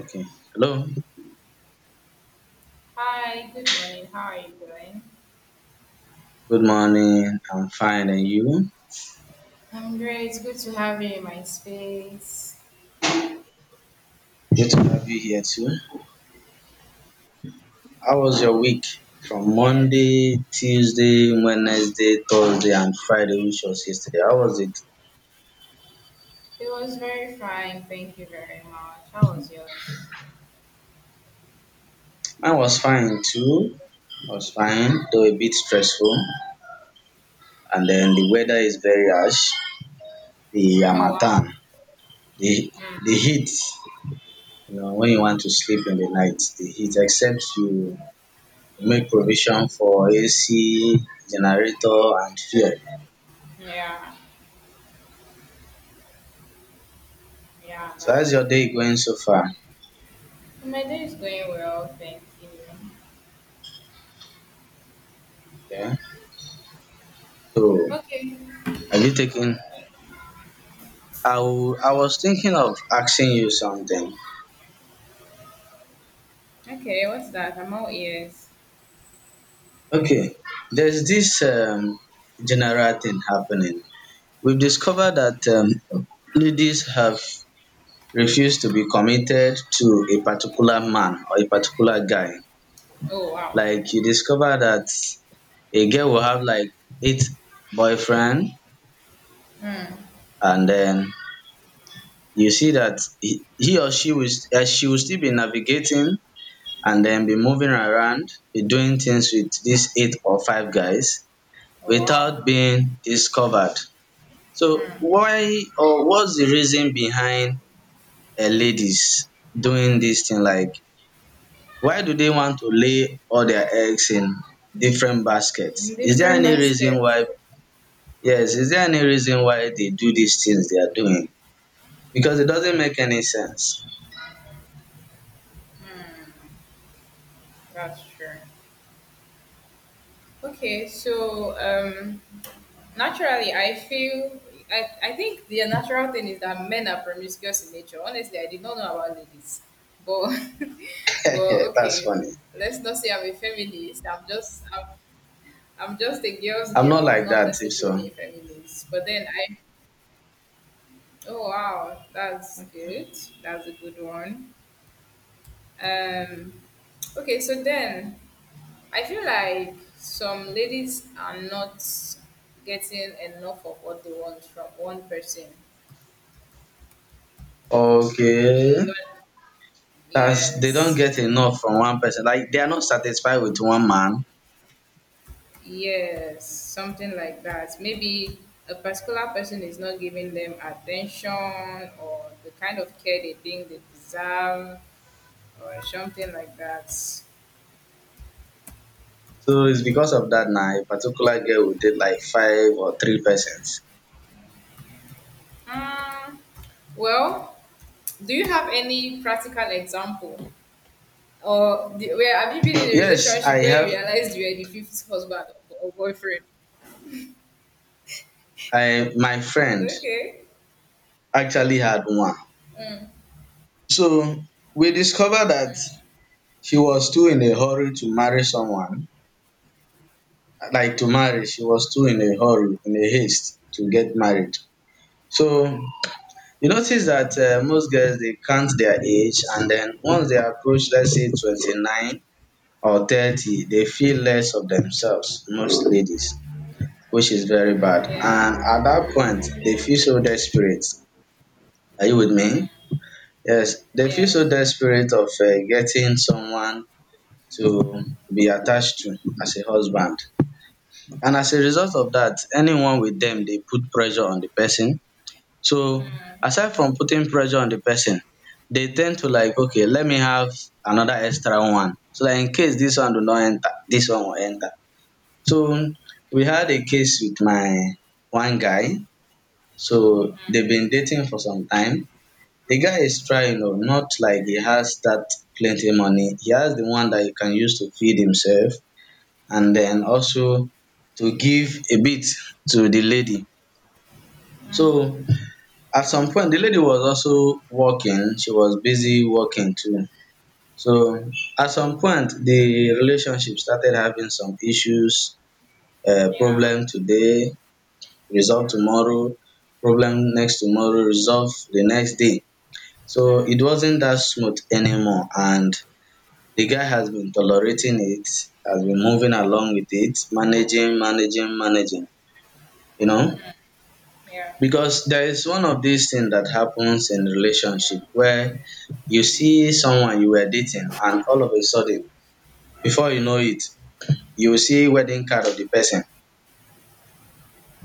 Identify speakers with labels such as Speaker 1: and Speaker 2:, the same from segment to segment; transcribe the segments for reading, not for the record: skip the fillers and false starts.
Speaker 1: Okay. Hello.
Speaker 2: Hi, good morning. How are you doing?
Speaker 1: Good morning. I'm fine, and you?
Speaker 2: I'm great. Good to have you in my space.
Speaker 1: Good to have you here too. How was your week? From
Speaker 2: Yes,
Speaker 1: Monday, Tuesday, Wednesday, Thursday, and Friday, which was yesterday. How was it?
Speaker 2: it was very fine. Thank you very much. How was yours?
Speaker 1: Mine was fine too. Was fine, though a bit stressful. And then the weather is very harsh. The
Speaker 2: Oh, wow.
Speaker 1: Hamatan, the
Speaker 2: Hmm.
Speaker 1: the heat. You know, when you want to sleep in the night, the heat. Except you make provision for AC, generator, and fuel.
Speaker 2: Yeah, yeah,
Speaker 1: So how's
Speaker 2: that's
Speaker 1: your
Speaker 2: true.
Speaker 1: day going so far?
Speaker 2: My day is going well. Thank you.
Speaker 1: Yeah. So
Speaker 2: Okay,
Speaker 1: have you taken? I was thinking of asking you something.
Speaker 2: okay. What's that? I'm all ears.
Speaker 1: Okay. There's this general thing happening. We've discovered that ladies have refused to be committed to a particular man or a particular guy.
Speaker 2: Oh, wow.
Speaker 1: Like you discover that a girl will have like eight boyfriend,
Speaker 2: Hmm.
Speaker 1: and then you see that he or she will, st- she will still be navigating and then be moving around, be doing things with these eight or five guys
Speaker 2: Oh, wow.
Speaker 1: without being discovered. So why, or what's the reason behind ladies doing this thing? Like, why do they want to lay all their eggs in different
Speaker 2: In
Speaker 1: baskets? Is there
Speaker 2: different
Speaker 1: any reason
Speaker 2: baskets.
Speaker 1: why? Yes, is there any reason why they do these things they are doing? Because it doesn't make any sense.
Speaker 2: That's true. Okay, so naturally, I feel I think the natural thing is that men are promiscuous in nature. Honestly, I did not know about ladies, but but
Speaker 1: That's
Speaker 2: okay,
Speaker 1: funny.
Speaker 2: let's not say I'm a feminist. I'm just a girl's
Speaker 1: I'm
Speaker 2: girl.
Speaker 1: not
Speaker 2: I'm
Speaker 1: like
Speaker 2: not
Speaker 1: that, if so.
Speaker 2: necessarily a feminist. But then I oh, wow, that's good. That's a good one. Um, okay, so then I feel like some ladies are not getting enough of what they want from one person.
Speaker 1: Okay.
Speaker 2: You know,
Speaker 1: That's, they don't
Speaker 2: yes,
Speaker 1: get enough from one person. Like they are not satisfied with one man.
Speaker 2: yes, something like that. Maybe a particular person is not giving them attention or the kind of care they think they deserve or something like that.
Speaker 1: So it's because of that now. A particular girl will date like five or three persons.
Speaker 2: Hmm. Well, do you have any practical example? Or the, where have you been in a
Speaker 1: Yes, I
Speaker 2: relationship where you
Speaker 1: have,
Speaker 2: realized you are the fifth husband or boyfriend?
Speaker 1: I my friend
Speaker 2: Okay.
Speaker 1: actually had one. So we discovered that she was too in a hurry to marry someone. Like to marry, she was too in a hurry, in a haste to get married. So you notice that most girls they count their age, and then once they approach, let's say, 29 or 30, they feel less of themselves, most ladies, which is very bad. And at
Speaker 2: Yeah.
Speaker 1: that point, they feel so desperate. Are you with me? Yes, they feel so
Speaker 2: Yes.
Speaker 1: desperate of getting someone to be attached to as a husband. And as a result of that, anyone with them, they put pressure on the person. So, aside from putting pressure on the person, they tend to like, okay, let me have another extra one. So that in case this one do not enter, this one will enter. So we had a case with my one guy, so they've been dating for some time. The guy is trying, oh, not like he has that plenty money. He has the one that he can use to feed himself, and then also to give a bit to the lady. So at some point the lady was also working, she was busy working too. So at some point the relationship started having some issues,
Speaker 2: Yeah.
Speaker 1: problem today, resolve tomorrow, problem next tomorrow, resolve the next day. So it wasn't that smooth anymore, and the guy has been tolerating it, has been moving along with it, managing, managing, managing, you know.
Speaker 2: Yeah.
Speaker 1: Because there is one of these things that happens in relationship where you see someone you were dating, and all of a sudden, before you know it, you will see wedding card of the person,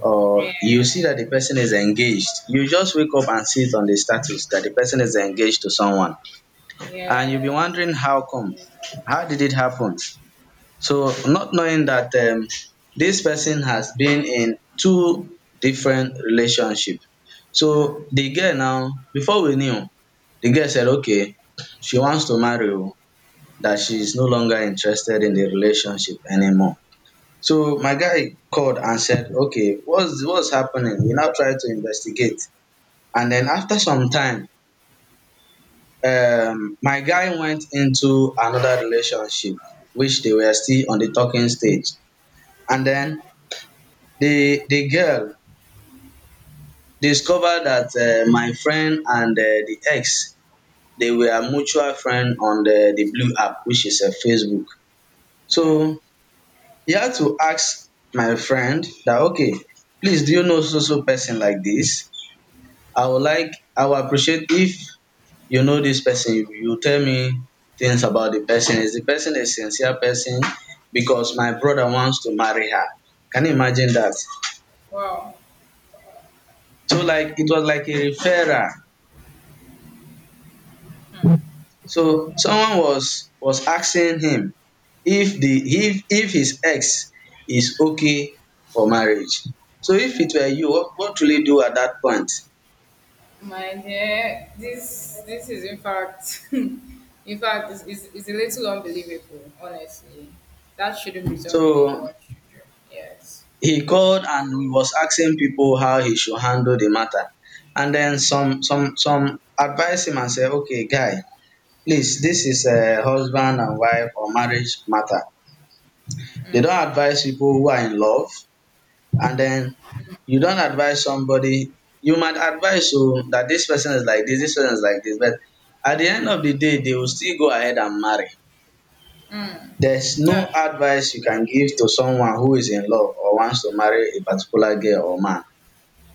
Speaker 1: or
Speaker 2: Yeah.
Speaker 1: you see that the person is engaged. You just wake up and see it on the status that the person is engaged to someone. And you'll be
Speaker 2: Yes.
Speaker 1: wondering, how come? How did it happen? So, not knowing that this person has been in two different relationship. So, the girl now, before we knew, the girl said, okay, she wants to marry you, that she is no longer interested in the relationship anymore, so my guy called and said, okay, what's happening? We now try to investigate. And then after some time, my guy went into another relationship, which they were still on the talking stage. And then the girl discovered that my friend and the ex, they were mutual friend on the blue app, which is a Facebook. So he had to ask my friend that, okay, please, do you know so so person like this? I would like, I would appreciate if you know this person, you tell me things about the person. Is the person a sincere person? Because my brother wants to marry her. Can you imagine that?
Speaker 2: Wow,
Speaker 1: So, like, it was like a referral. So someone was asking him if the, if his ex is okay for marriage. So if it were you, what will you do at that point?
Speaker 2: my dear, this is in fact, in fact, it's a little unbelievable. Honestly, that shouldn't be something
Speaker 1: So
Speaker 2: anyone should do. Yes,
Speaker 1: he called and he was asking people how he should handle the matter. And then some advised him and said, okay, guy, please, this is a husband and wife or marriage matter. They don't advise people who are in love. And then you don't advise somebody. You might advise so that this person is like this person is like this. But at the end of the day, they will still go ahead and marry. There's no
Speaker 2: that's true.
Speaker 1: advice you can give to someone who is in love or wants to marry a particular girl or man.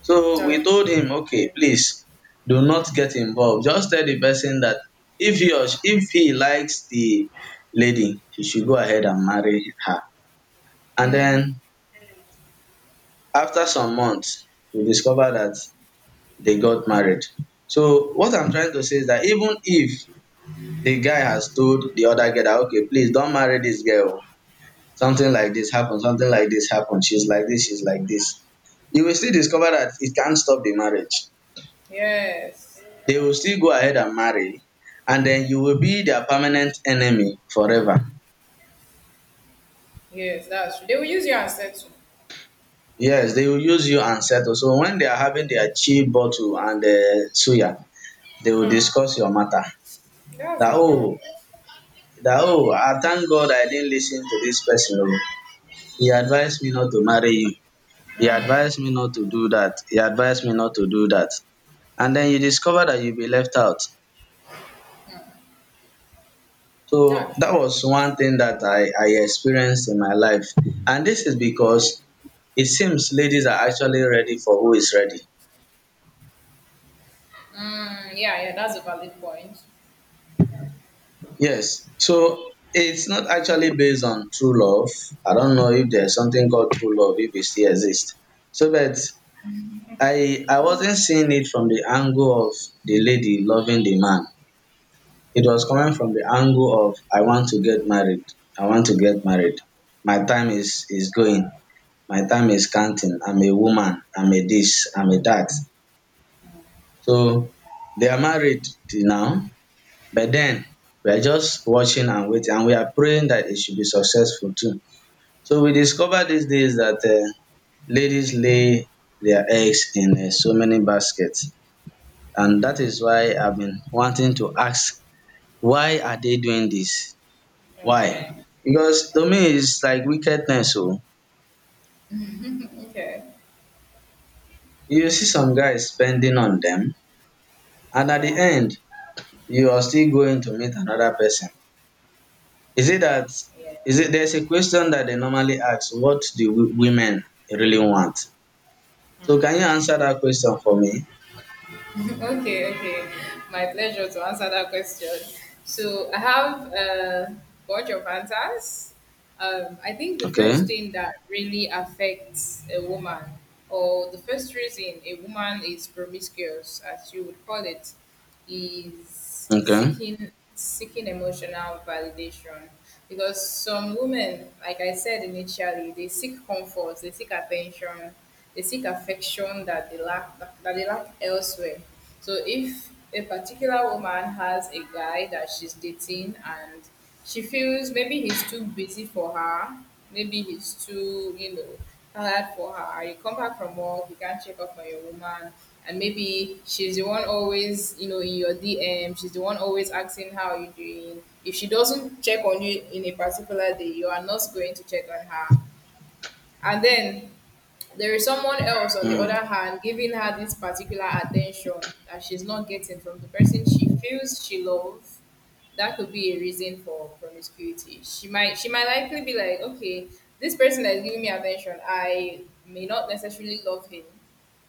Speaker 1: So we
Speaker 2: That's true.
Speaker 1: told him, okay, please do not get involved. Just tell the person that if he or she, if he likes the lady, he should go ahead and marry her. And then after some months, we discover that they got married. So what I'm trying to say is that even if the guy has told the other girl that, okay, please don't marry this girl. Something like this happened, something like this happened, she's like this, she's like this. You will still discover that it can't stop the marriage.
Speaker 2: Yes,
Speaker 1: They will still go ahead and marry, and then you will be their permanent enemy forever.
Speaker 2: yes, that's true. They will use your ancestral.
Speaker 1: Yes, they will use you and settle. So when they are having their chi bottle and suya, they will discuss your matter.
Speaker 2: That's
Speaker 1: That
Speaker 2: it, bro.
Speaker 1: oh, that oh, I thank God I didn't listen to this person. Oh. He advised me not to marry you. He advised me not to do that. He advised me not to do that. And then you discover that you'll be left out. So
Speaker 2: That's
Speaker 1: that
Speaker 2: true.
Speaker 1: was one thing that I experienced in my life. And this is because it seems ladies are actually ready for who is ready.
Speaker 2: Mm, yeah, yeah, that's a valid point.
Speaker 1: Yes. So it's not actually based on true love. I don't know if there's something called true love, if it still exists. So, but I wasn't seeing it from the angle of the lady loving the man. It was coming from the angle of, I want to get married. I want to get married. My time is going. My time is counting, I'm a woman, I'm a this, I'm a that. So they are married till now, but then we are just watching and waiting, and we are praying that it should be successful too. So we discover these days that ladies lay their eggs in so many baskets, and that is why I've been wanting to ask, why are they doing this? Why?
Speaker 2: Okay,
Speaker 1: Because to me, it's like wickedness. So
Speaker 2: okay,
Speaker 1: you see some guys spending on them, and at the
Speaker 2: yeah,
Speaker 1: end, you are still going to meet another person. Is it that,
Speaker 2: yeah.
Speaker 1: is it, there's a question that they normally ask, what do women really want? So can you answer that question for me?
Speaker 2: okay, okay. My pleasure to answer that question. So I have a bunch of answers. I think the
Speaker 1: Okay.
Speaker 2: first thing that really affects a woman, or the first reason a woman is promiscuous, as you would call it, is is
Speaker 1: Okay.
Speaker 2: seeking seeking emotional validation, because some women, like I said initially, they seek comfort, they seek attention, they seek affection that they lack, elsewhere so if a particular woman has a guy that she's dating, and she feels maybe he's too busy for her. Maybe he's too, you know, tired for her. You come back from work, you can't check up on your woman. And maybe she's the one always, you know, in your DM. She's the one always asking how you doing. If she doesn't check on you in a particular day, you are not going to check on her. And then there is someone else, on the
Speaker 1: Mm.
Speaker 2: other hand, giving her this particular attention that she's not getting from the person she feels she loves. That could be a reason for promiscuity. She might likely be like, okay, this person that is giving me attention, I may not necessarily love him.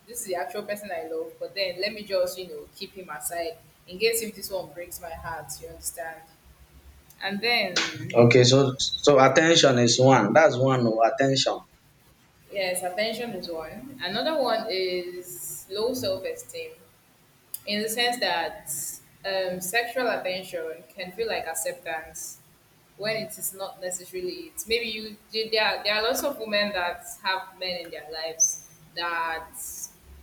Speaker 2: This is the actual person I love, but then let me just, you know, keep him aside in case if this one breaks my heart, you understand? And then,
Speaker 1: Okay, so so attention is one. That's one, oh, attention.
Speaker 2: yes, attention is one. Another one is low self esteem, in the sense that sexual attention can feel like acceptance when it is not necessarily it. Maybe you there are lots of women that have men in their lives that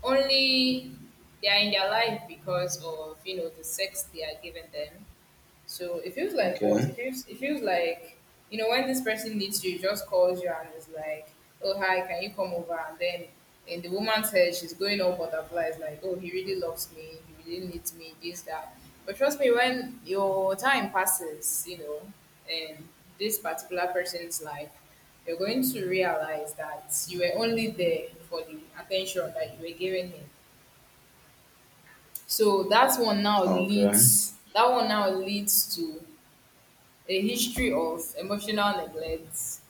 Speaker 2: only they are in their life because of, you know, the sex they are giving them. So it feels like what?
Speaker 1: Okay.
Speaker 2: It feels like, you know, when this person needs you, he just calls you and is like, "Oh hi, can you come over?" And then in the woman's head, she's going all butterflies, like, "Oh, he really loves me. He really needs me. This that." But trust me, when your time passes, you know, in this particular person's life, you're going to realize that you were only there for the attention that you were giving him. So that one now
Speaker 1: Okay.
Speaker 2: leads that one now leads to a history of emotional neglect,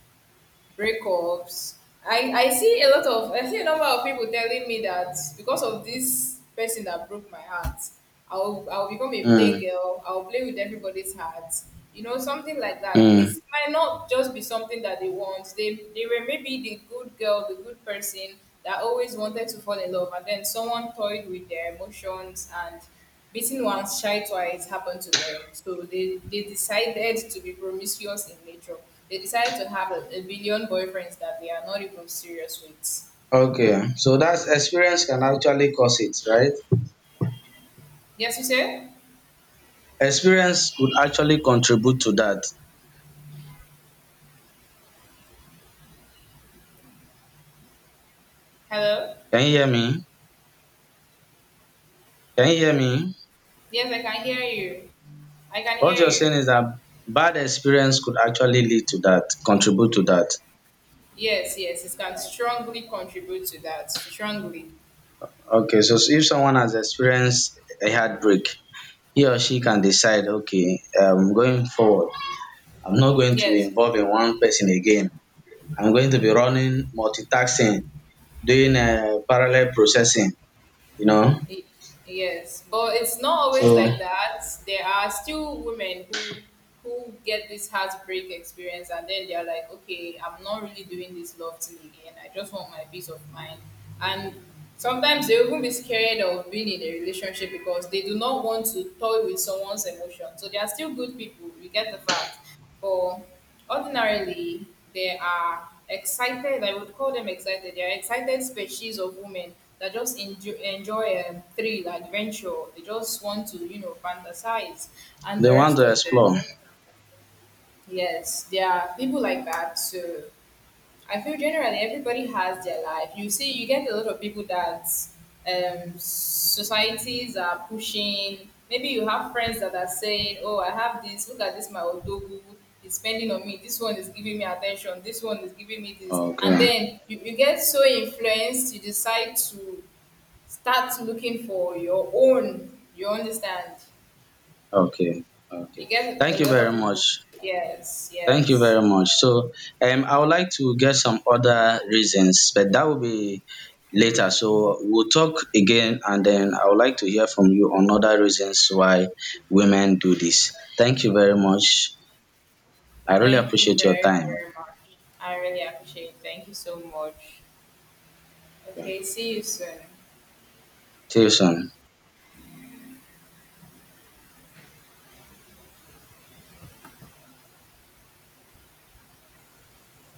Speaker 2: breakups. I see a lot of, I see a number of people telling me that because of this person that broke my heart, I'll become a
Speaker 1: Mm.
Speaker 2: playgirl. I'll play with everybody's heart. You know, something like that.
Speaker 1: Mm.
Speaker 2: It might not just be something that they want. They were maybe the good girl, the good person that always wanted to fall in love, and then someone toyed with their emotions, and beaten once, shy twice happened to them. So they decided to be promiscuous in nature. They decided to have a billion boyfriends that they are not even serious with.
Speaker 1: Okay. So that's, experience can actually cause it, right?
Speaker 2: Yes, you said?
Speaker 1: Experience could actually contribute to that.
Speaker 2: Hello?
Speaker 1: Can you hear me? Can you hear me?
Speaker 2: Yes, I can hear you. I can
Speaker 1: What
Speaker 2: hear
Speaker 1: you're saying
Speaker 2: you.
Speaker 1: is that bad experience could actually lead to that, contribute to that.
Speaker 2: Yes, yes, it can strongly contribute to that. Strongly.
Speaker 1: Okay, so if someone has experienced a heartbreak, he or she can decide, okay, going forward, I'm not going to be
Speaker 2: Yes.
Speaker 1: involved in one person again. I'm going to be running multitasking, doing parallel processing, you know?
Speaker 2: Y- Yes, but it's not always
Speaker 1: So
Speaker 2: like that. There are still women who get this heartbreak experience, and then they're like, okay, I'm not really doing this love thing again. I just want my peace of mind. And sometimes they even be scared of being in a relationship because they do not want to toy with someone's emotion. So they are still good people. You get the fact. But ordinarily, there are excited, I would call them excited, they are excited species of women that just enjoy thrill, adventure. They just want to, you know, fantasize and
Speaker 1: they
Speaker 2: the
Speaker 1: want
Speaker 2: rest
Speaker 1: to
Speaker 2: of the
Speaker 1: explore.
Speaker 2: yes, there are people like that. So I feel generally everybody has their life. You see, you get a lot of people that societies are pushing. Maybe you have friends that are saying, "Oh, I have this. Look at this, my odogu is spending on me. This one is giving me attention. This one is giving me this." And
Speaker 1: Okay,
Speaker 2: then you get so influenced, you decide to start looking for your own. You understand?
Speaker 1: okay,
Speaker 2: You
Speaker 1: okay.
Speaker 2: get a
Speaker 1: Thank you
Speaker 2: lot
Speaker 1: very
Speaker 2: of people.
Speaker 1: much.
Speaker 2: Yes,
Speaker 1: Thank you
Speaker 2: yes.
Speaker 1: very much. So, I would like to get some other reasons, but that will be later. So, we'll talk again, and then I would like to hear from you on other reasons why women do this. Thank you very much. I really
Speaker 2: Thank you
Speaker 1: appreciate your
Speaker 2: very,
Speaker 1: time.
Speaker 2: very much. I really appreciate it. Thank you so much. Okay, see you soon.
Speaker 1: See you soon.